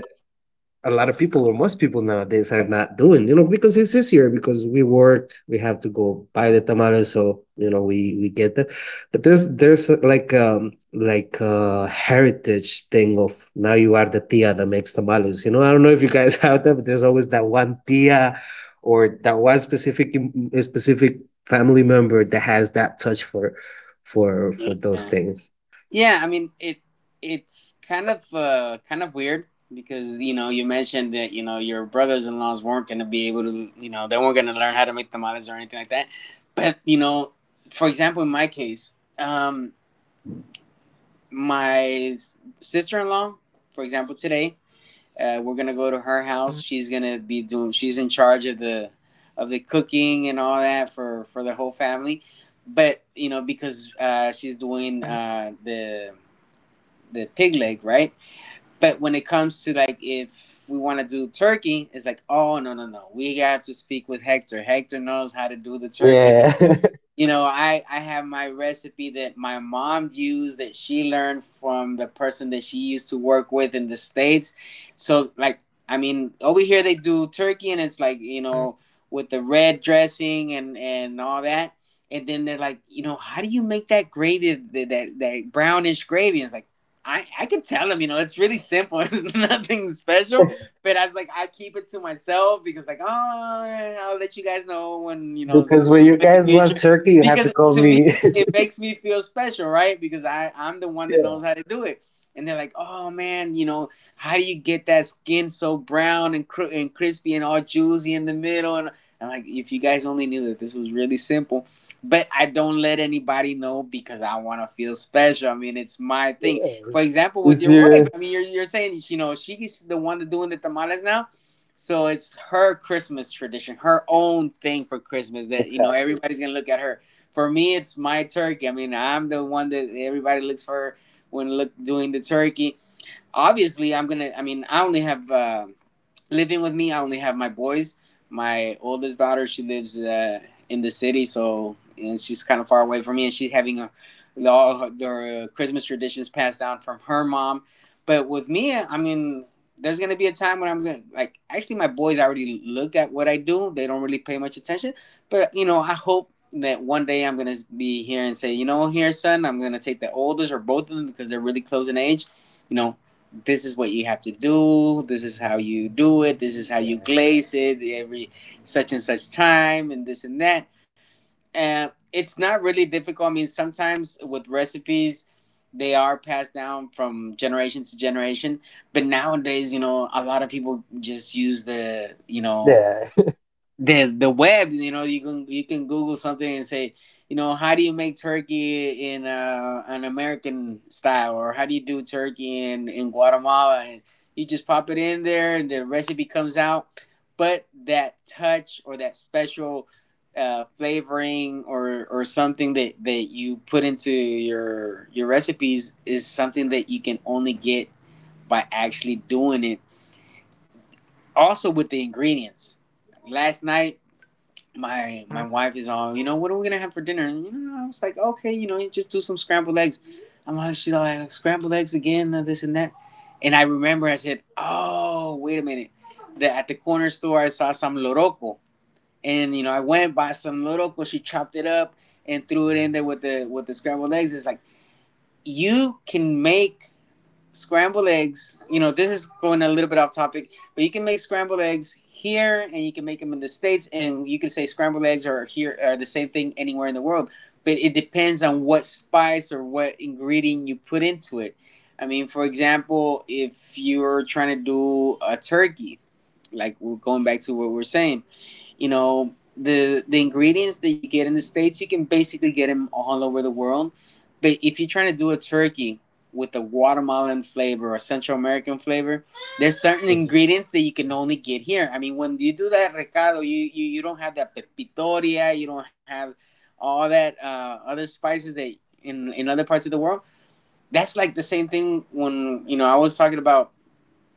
a lot of people or most people nowadays are not doing, you know, because it's easier, because we work, we have to go buy the tamales, so you know, we get that, but there's like a heritage thing of, now you are the tia that makes tamales, you know, I don't know if you guys have that, but there's always that one tia or that one specific specific family member that has that touch for for those
yeah.
things.
Yeah, I mean, it's kind of weird because, you know, you mentioned that, you know, your brothers in laws weren't gonna be able to, you know, they weren't gonna learn how to make tamales or anything like that. But, you know, for example, in my case, um my sister in law, for example, today, we're gonna go to her house. She's gonna be doing. She's in charge of the cooking and all that for the whole family. But you know, because she's doing the pig leg, right? But when it comes to, like, if we want to do turkey, it's like, oh no no no, we have to speak with Hector. Hector knows how to do the turkey.
Yeah,
You know, I have my recipe that my mom used that she learned from the person that she used to work with in the States. So, like, I mean, over here they do turkey and it's like, you know, with the red dressing and all that. And then they're like, you know, how do you make that gravy, that that brownish gravy? And it's like, I could tell them, you know, it's really simple. It's nothing special. But I was like, I keep it to myself because, like, oh, I'll let you guys know when, you know,
because when
sometime
you
in the
guys want
future,
turkey, you have to
because
call
to me,
me.
it makes me feel special, right? Because I'm the one that knows how to do it, and they're like, oh man, you know, how do you get that skin so brown and, and crispy and all juicy in the middle? And I'm like, if you guys only knew that this was really simple. But I don't let anybody know because I want to feel special. I mean, it's my thing.
Yeah.
For example, with
Is
your wife,
your
I mean, you're saying, you know, she's the one that's doing the tamales now, so it's her Christmas tradition, her own thing for Christmas that, you know,
exactly?
everybody's going to look at her for. Me, it's my turkey. I mean, I'm the one that everybody looks for when look doing the turkey. Obviously, I'm gonna. I mean, I only have. Living with me, I only have my boys. My oldest daughter, she lives in the city, so, and she's kind of far away from me, and she's having a, all the Christmas traditions passed down from her mom. But with me, I mean, there's gonna be a time when I'm gonna, like. Actually, my boys already look at what I do. They don't really pay much attention, but you know, I hope that one day I'm gonna be here and say, you know, here, son, I'm gonna take the oldest or both of them because they're really close in age. You know, this is what you have to do, this is how you do it, this is how you glaze it every such and such time, and this and that. And it's not really difficult. I mean, sometimes with recipes they are passed down from generation to generation, but nowadays, you know, a lot of people just use the, you know,
Yeah.
the web. You know, you can, google something and say, you know, how do you make turkey in an American style, or how do you do turkey in Guatemala, and you just pop it in there and the recipe comes out. But that touch or that special flavoring or something that you put into your recipes is something that you can only get by actually doing it. Also with the ingredients, last night my wife is all, you know, what are we gonna have for dinner? And, you know, I was like, okay, you know, you just do some scrambled eggs. I'm like, she's all like, scrambled eggs again, this and that. And I remember I said, oh, wait a minute, that at the corner store I saw some loroco. And you know, I went bought some loroco. She chopped it up and threw it in there with the scrambled eggs. It's like, you can make scrambled eggs, you know, this is going a little bit off topic, but you can make scrambled eggs here, and you can make them in the States, and you can say scrambled eggs are here are the same thing anywhere in the world. But it depends on what spice or what ingredient you put into it. I mean, for example, if you're trying to do a turkey, like, we're going back to what we're saying, you know, the ingredients that you get in the States, you can basically get them all over the world. But if you're trying to do a turkey with a Guatemalan flavor or Central American flavor, there's certain
Is it?
ingredients that you can only get here. I mean, when you do that recado, you don't have that pepitoria, you don't have all that other spices that in other parts of the world. That's like the same thing when, you know, I was talking about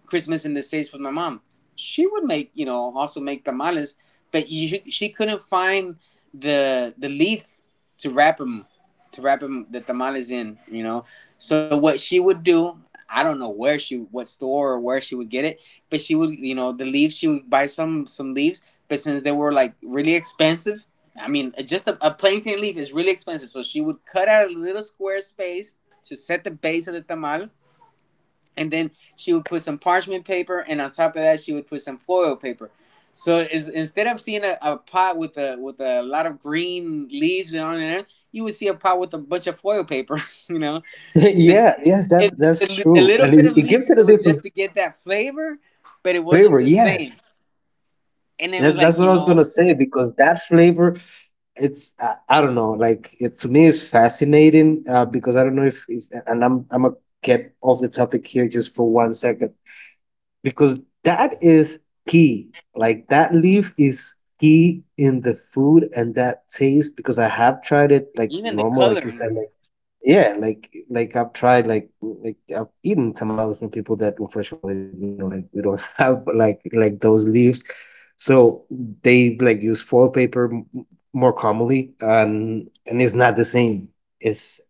Christmas in the States with my mom. She would make, you know, also make tamales, but you, she couldn't find the leaf to wrap them, to wrap the tamales in, you know. So what she would do, I don't know where she, what store or where she would get it, but she would, you know, the leaves, she would buy some leaves, but since they were like really expensive, I mean, just a plantain leaf is really expensive. So she would cut out a little square space to set the base of the tamal, and then she would put some parchment paper, and on top of that, she would put some foil paper. So, instead of seeing a pot with a lot of green leaves and on there, you would see a pot with a bunch of foil paper. You know, the
Yeah, yes, that
it,
that's
the
true,
little
and
bit
it,
of
it
leaf,
gives it a
it was just
different
to get that flavor, but it wasn't
flavor.
the same.
Yes,
And it was
That's
like,
that's what
you
I was
know,
gonna say, because that flavor, it's, I don't know, like it to me is fascinating because I don't know if and I'm gonna get off the topic here just for one second, because that is key. Like that leaf is key in the food and that taste, because I have tried it like
even the
normal, like you
coloring.
said, like yeah, like I've tried like I've eaten tamales from people that unfortunately you know like we don't have like those leaves, so they like use foil paper more commonly, and it's not the same. It's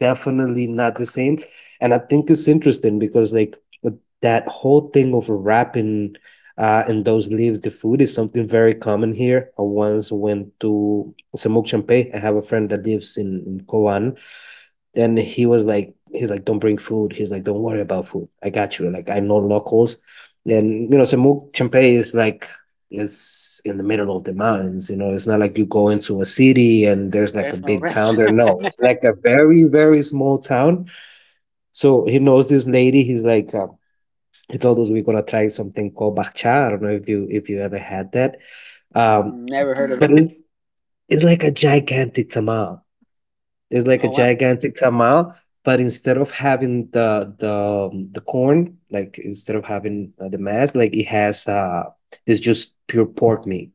definitely not the same, and I think it's interesting because, like, with that whole thing of wrapping in those leaves, the food is something very common here. I once went to Samuk Champe. I have a friend that lives in Kowan. Then he was like, he's like, don't bring food. He's like, don't worry about food. I got you. Like, I know locals. And, you know, Samuk Champe is like, is in the middle of the mountains. You know, it's not like you go into a city and there's like a
There's no
big town there.
restaurant.
No, it's like a very very small town. So he knows this lady. He's like, he told us we're gonna try something called bakcha. I don't know if you, if you ever had that.
Never
Um,
heard of it.
but it's like a gigantic tamal. It's
Oh
like a
wow.
gigantic tamal, but instead of having the corn, like, instead of having the mass, like, it has it's just pure pork meat.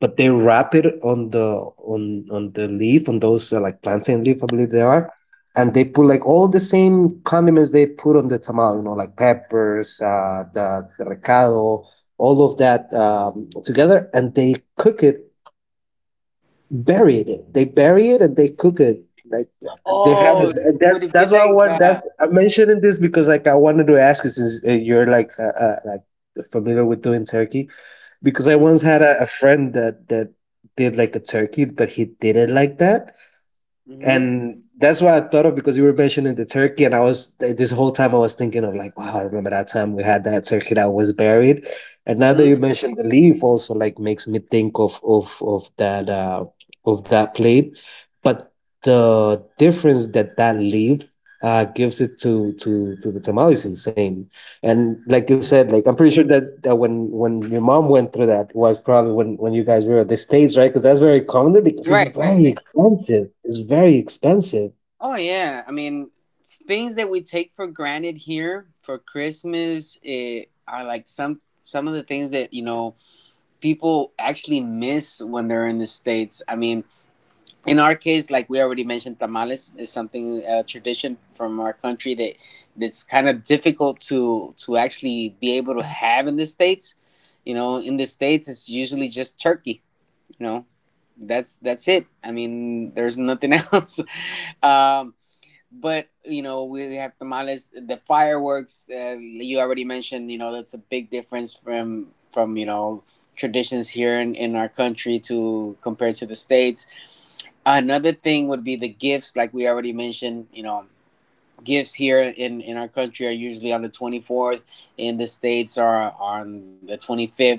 But they wrap it on the on the leaf, on those like plantain leaf, I believe they are, and they put like all the same condiments they put on the tamal, you know, like peppers, the recado, all of that, together, and they cook it buried it. They bury it and they cook it. Like, they have it.
Oh, would it be
That's why I
like?
want. That's, I'm mentioning this because like I wanted to ask you since, you're like, like, familiar with doing turkey, because I
Hmm.
once had a friend that did like a turkey, but he did it like that,
mm hmm mm
and that's what I thought of, because you were mentioning the turkey, and I was this whole time I was thinking of like, wow, I remember that time we had that turkey that was buried, and now that
hmm
you mentioned the leaf, also, like, makes me think of of that, of that plate, but the difference that leaf gives it to to the tamale is insane. And like you said, like, I'm pretty sure that, that when your mom went through that, was probably when you guys were at the states, right? Because that's very common there, because it's
Right, right,
very
right.
expensive. It's very expensive
Oh yeah, I mean, things that we take for granted here for Christmas, it, are like some of the things that, you know, people actually miss when they're in the States. I mean, in our case, like we already mentioned, tamales is something, a tradition from our country, that that's kind of difficult to actually be able to have in the States. You know, in the States, it's usually just turkey. You know, that's it. I mean, there's nothing else. Um, but you know, we have tamales, the fireworks, you already mentioned, you know, that's a big difference from you know, traditions here in our country, to compared to the States. Another thing would be the gifts, like we already mentioned. You know, gifts here in our country are usually on the 24th, in the states are on the 25th.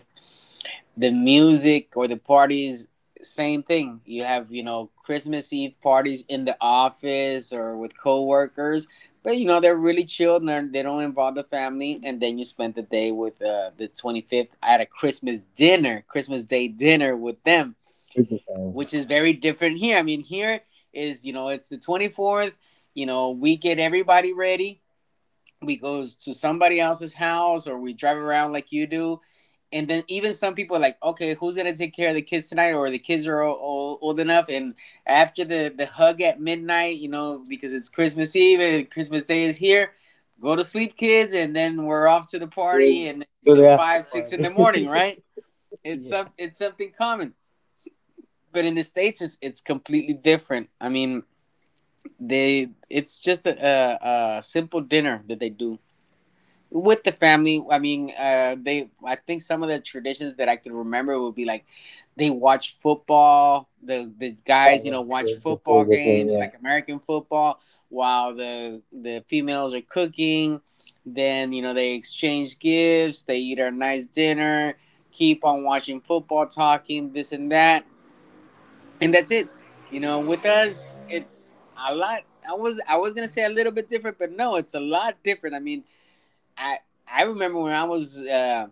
The music or the parties, same thing. You have, you know, Christmas Eve parties in the office or with coworkers, but you know, they're really chill and they're, they don't involve the family. And then you spend the day with the 25th at a Christmas dinner, Christmas day dinner with them,
with the family.
which is very different here. I mean, here is, you know, it's the 24th, you know, we get everybody ready, we goes to somebody else's house or we drive around like you do. And then even some people are like, okay, who's gonna take care of the kids tonight? Or the kids are old enough, and after the hug at midnight, you know, because it's Christmas Eve and Christmas Day is here, go to sleep, kids, and then we're off to the
Yeah,
party and
to the
until
after
5, 6 in
party.
the morning, right? It's
Yeah.
some it's something common, but in the states, it's completely different. I mean, they it's just a simple dinner that they do with the family. I mean, they I think some of the traditions that I could remember would be like they watch football, the
Oh,
guys, you know,
yeah.
watch
The
football
favorite game,
games,
yeah.
like American football, while the females are cooking. Then, you know, they exchange gifts, they eat a nice dinner, keep on watching football, talking this and that, and that's it. You know, with us, it's a lot. I was gonna say a little bit different, but no, it's a lot different. I mean, I I remember when I was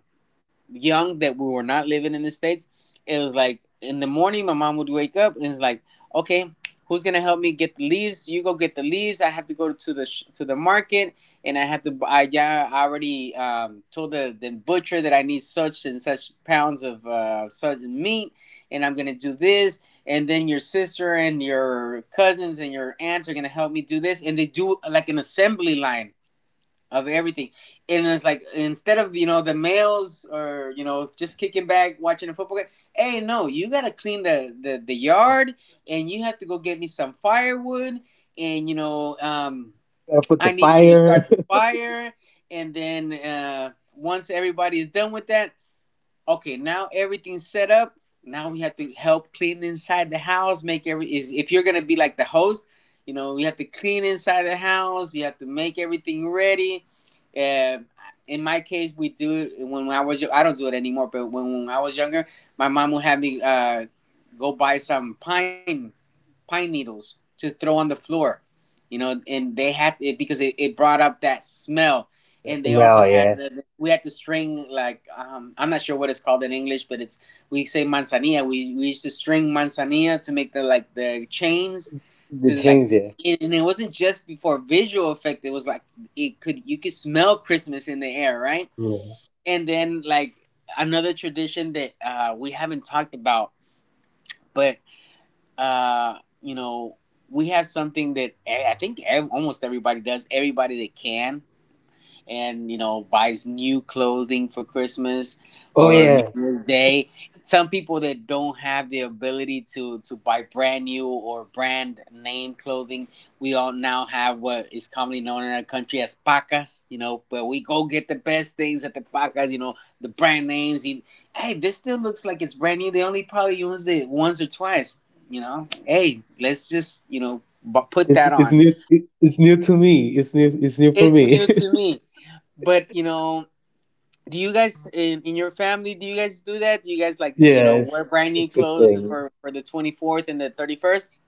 young that we were not living in the states. It was like in the morning, my mom would wake up and it's like, okay, who's gonna help me get the leaves? You go get the leaves. I have to go to the market and I have to. I Yeah, I already told the butcher that I need such and such pounds of such meat, and I'm gonna do this. And then your sister and your cousins and your aunts are gonna help me do this, and they do like an assembly line of everything. And it's like, instead of, you know, the males or, you know, just kicking back watching a football game, hey no, you gotta clean the
Yeah.
yard, and you have to go get me some firewood, and, you know,
Gotta put the
I need you to
fire.
start the fire. And then once everybody's done with that, okay, now everything's set up. Now we have to help clean inside the house. Make every is If you're gonna be like the host, you know, you have to clean inside the house. You have to make everything ready. Uh, in my case, we do it when I don't do it anymore, but when I was younger, my mom would have me go buy some pine needles to throw on the floor, you know, and they had it because it brought up that smell.
The
And they also
smell,
had
yeah.
we had to string, like, I'm not sure what it's called in English, but it's, we say manzanilla. We used to string manzanilla to make, the like, the chains,
The
to like,
chains, yeah.
and it wasn't just before visual effect. It was like it could, you could smell Christmas in the air, right?
Yeah.
And then, like another tradition that we haven't talked about, but you know, we have something that I think almost everybody does. Everybody that can, and, you know, buys new clothing for Christmas
Oh
or New
yeah.
Year's Day. Some people that don't have the ability to buy brand new or brand name clothing, we all now have what is commonly known in our country as pacas, you know. But we go get the best things at the pacas, you know, the brand names. Hey, this still looks like it's brand new. They only probably used it once or twice, you know. Hey, let's just, you know, put that
It's
on.
new. It, It's new to me. It's new. It's new for
It's
me.
new to me, but, you know, do you guys in your family? Do you guys do that? Do you guys, like, you know, wear
yes.
brand new
It's a
clothes
thing.
for the 24th and the 31st?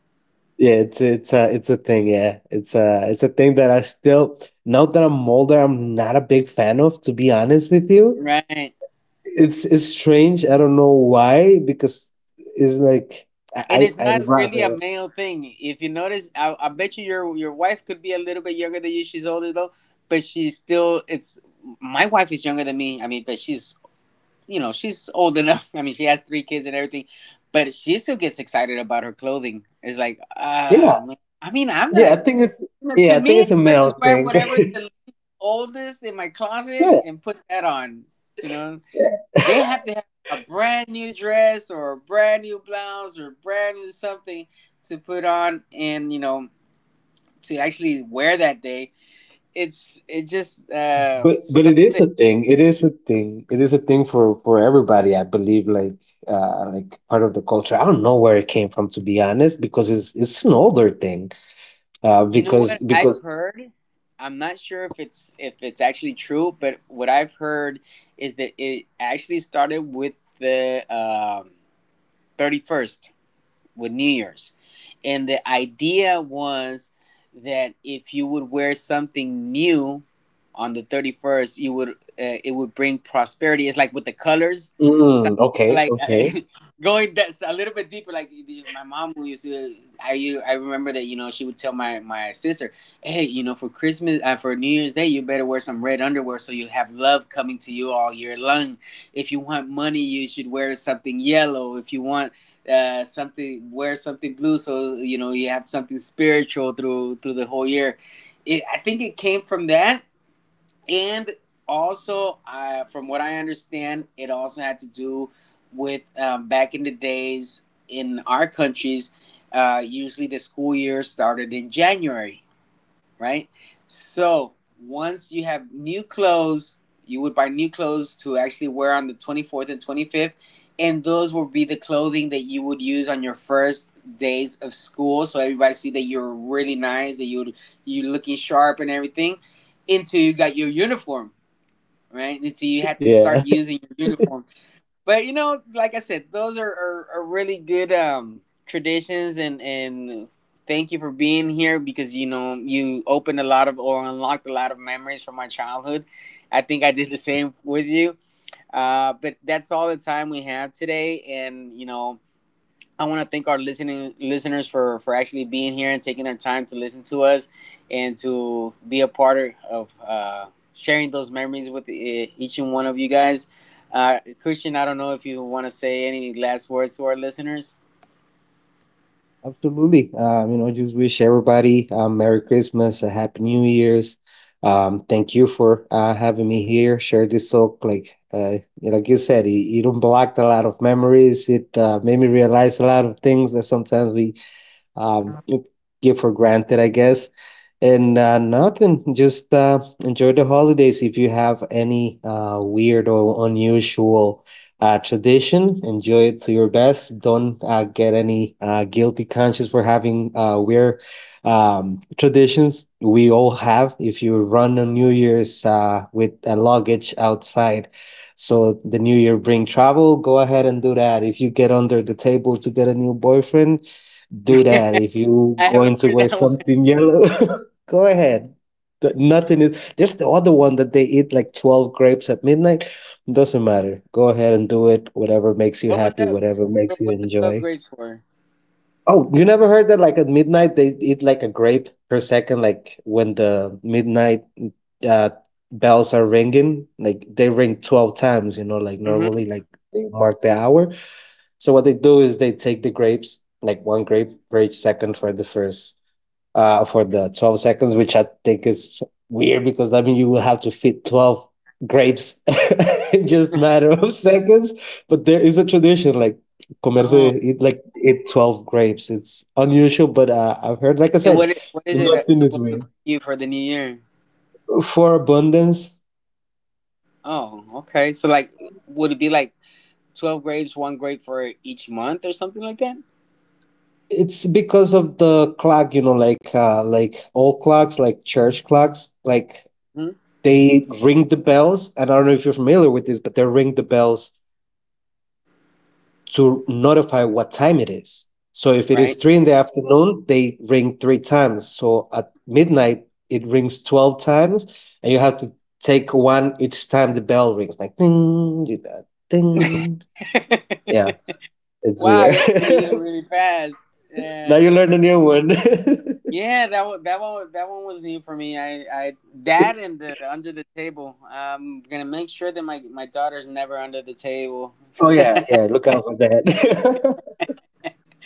Yeah, it's a it's a thing. Yeah, it's a thing that I still now that I'm older, I'm not a big fan of. To be honest with you,
Right.
it's strange. I don't know why, because it's like,
And
I
it's
I
not
I'd
really a
rather,
male thing. If you notice, I bet you your wife could be a little bit younger than you. She's older though, but she's still. It's my wife is younger than me. I mean, but she's, you know, she's old enough. I mean, she has three kids and everything, but she still gets excited about her clothing. It's like,
yeah
ah, man. I mean, I'm
yeah,
not.
I think it's,
You
yeah,
to
I think
me,
it's a
I
male
just grab
thing.
whatever is the least oldest in my closet
yeah,
and put that on. You know,
yeah,
they have to have a brand new dress or a brand new blouse or brand new something to put on, and, you know, to actually wear that day. It's just
but it
something
is
that,
a thing. It is a thing. It is a thing for everybody. I believe, like, like, part of the culture. I don't know where it came from, to be honest, because it's an older thing,
you know,
because
what I've heard, I'm not sure if it's actually true, but what I've heard is that it actually started with the 31st, with New Year's. And the idea was that if you would wear something new on the 31st, you would, it would bring prosperity. It's like with the colors. Some people,
okay
like,
okay,
going that's a little bit deeper, like my mom, who used to, I remember that, you know, she would tell my sister, hey, you know, for Christmas, for New Year's Day, you better wear some red underwear so you have love coming to you all year long. If you want money, you should wear something yellow. If you want, something, wear something blue, so, you know, you have something spiritual through the whole year. I think it came from that, and also from what I understand, it also had to do with back in the days in our countries, usually the school year started in January, right? So once you have new clothes, you would buy new clothes to actually wear on the 24th and 25th, and those will be the clothing that you would use on your first days of school. So everybody see that you're really nice, that you are looking sharp and everything, until you got your uniform, right? Until you had
yeah,
to start using your uniform. But, you know, like I said, those are really good traditions, and thank you for being here, because you know, you opened a lot of, or unlocked a lot of memories from my childhood. I think I did the same with you, but that's all the time we have today, and, you know, I want to thank our listening listeners for actually being here and taking their time to listen to us and to be a part of sharing those memories with each and one of you guys. Christian, I don't know if you want to say any last words to our listeners.
absolutely. You know, just wish everybody, merry Christmas, a happy new year's, thank you for, having me here, share this talk, like, you know, like you said, it unblocked a lot of memories. It, made me realize a lot of things that sometimes we, um, give for granted, I guess. And, nothing, just, enjoy the holidays. If you have any, weird or unusual, tradition, enjoy it to your best. Don't, get any, guilty conscience for having, weird, traditions. We all have. If you run on New Year's, with a luggage outside, so the new year bring travel, go ahead and do that. If you get under the table to get a new boyfriend, do that. If you
I haven't
going to
heard
wear
that one.
something yellow, go ahead. Nothing is, there's the other one that they eat like 12 grapes at midnight. Doesn't matter, go ahead and do it. Whatever makes you
What was
happy,
that?
whatever makes you
What's the 12
enjoy.
grapes for?
Oh, you never heard that? Like at midnight they eat like a grape per second, like when the midnight, uh, bells are ringing, like, they ring 12 times, you know, like, normally,
Hmm.
like they mark the hour. So what they do is they take the grapes, like one grape for each second, for the first, for the 12 seconds, which I think is weird because that means you will have to fit 12 grapes in just matter of seconds. But there is a tradition like comerse
Oh,
it, like it 12 grapes. It's unusual, but, I've heard, like I
and what
said,
what is it
nothing is
supposed to
weird.
bring you for the new year?
For abundance,
Oh, okay. So, like, would it be like 12 grapes, one grape for each month, or something like that?
it's because of the clock, you know, like, like old clocks, like church clocks, like they ring the bells, and I don't know if you're familiar with this, but they ring the bells to notify what time it is. So if it is
Right?
three in the afternoon, they ring three times. So at midnight it rings 12 times, and you have to take one each time the bell rings, like ding, do that, ding. Yeah, it's
Wow,
weird.
you have to be eating really fast.
now
Yeah,
you learn a new one.
yeah, that one was new for me. That and the under the table. I'm gonna make sure that my daughter's never under the table.
oh yeah, yeah, look out for that.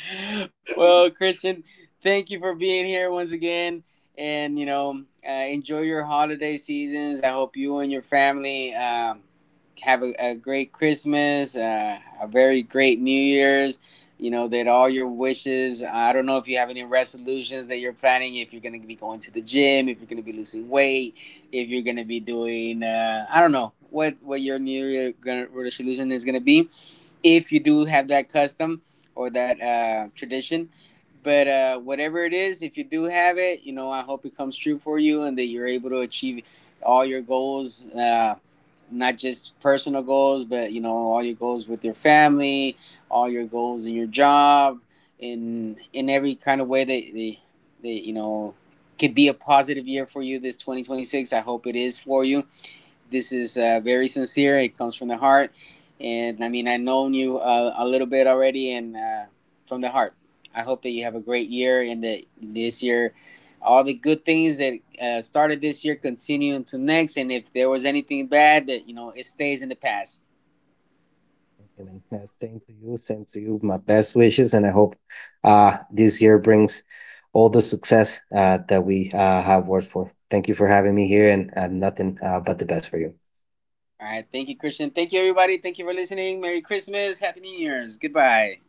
Well, Christian, thank you for being here once again. And, you know, enjoy your holiday seasons. I hope you and your family have a great Christmas, a very great New Year's. You know, that all your wishes, I don't know if you have any resolutions that you're planning, if you're going to be going to the gym, if you're going to be losing weight, if you're going to be doing, I don't know, what your New Year resolution is going to be, if you do have that custom or that tradition. But whatever it is, if you do have it, you know, I hope it comes true for you and that you're able to achieve all your goals, not just personal goals, but, you know, all your goals with your family, all your goals in your job, in every kind of way that, you know, could be a positive year for you this 2026. I hope it is for you. This is very sincere. It comes from the heart, and, I mean, I have known you a little bit already, and from the heart, I hope that you have a great year, and that this year, all the good things that started this year continue into next. And if there was anything bad, that, you know, it stays in the past.
Thank you, man. Yeah, same to you, same to you. My best wishes, and I hope, this year brings all the success, that we, have worked for. Thank you for having me here, and, nothing, but the best for you.
All right. Thank you, Christian. Thank you, everybody. Thank you for listening. Merry Christmas. Happy New Year's. Goodbye.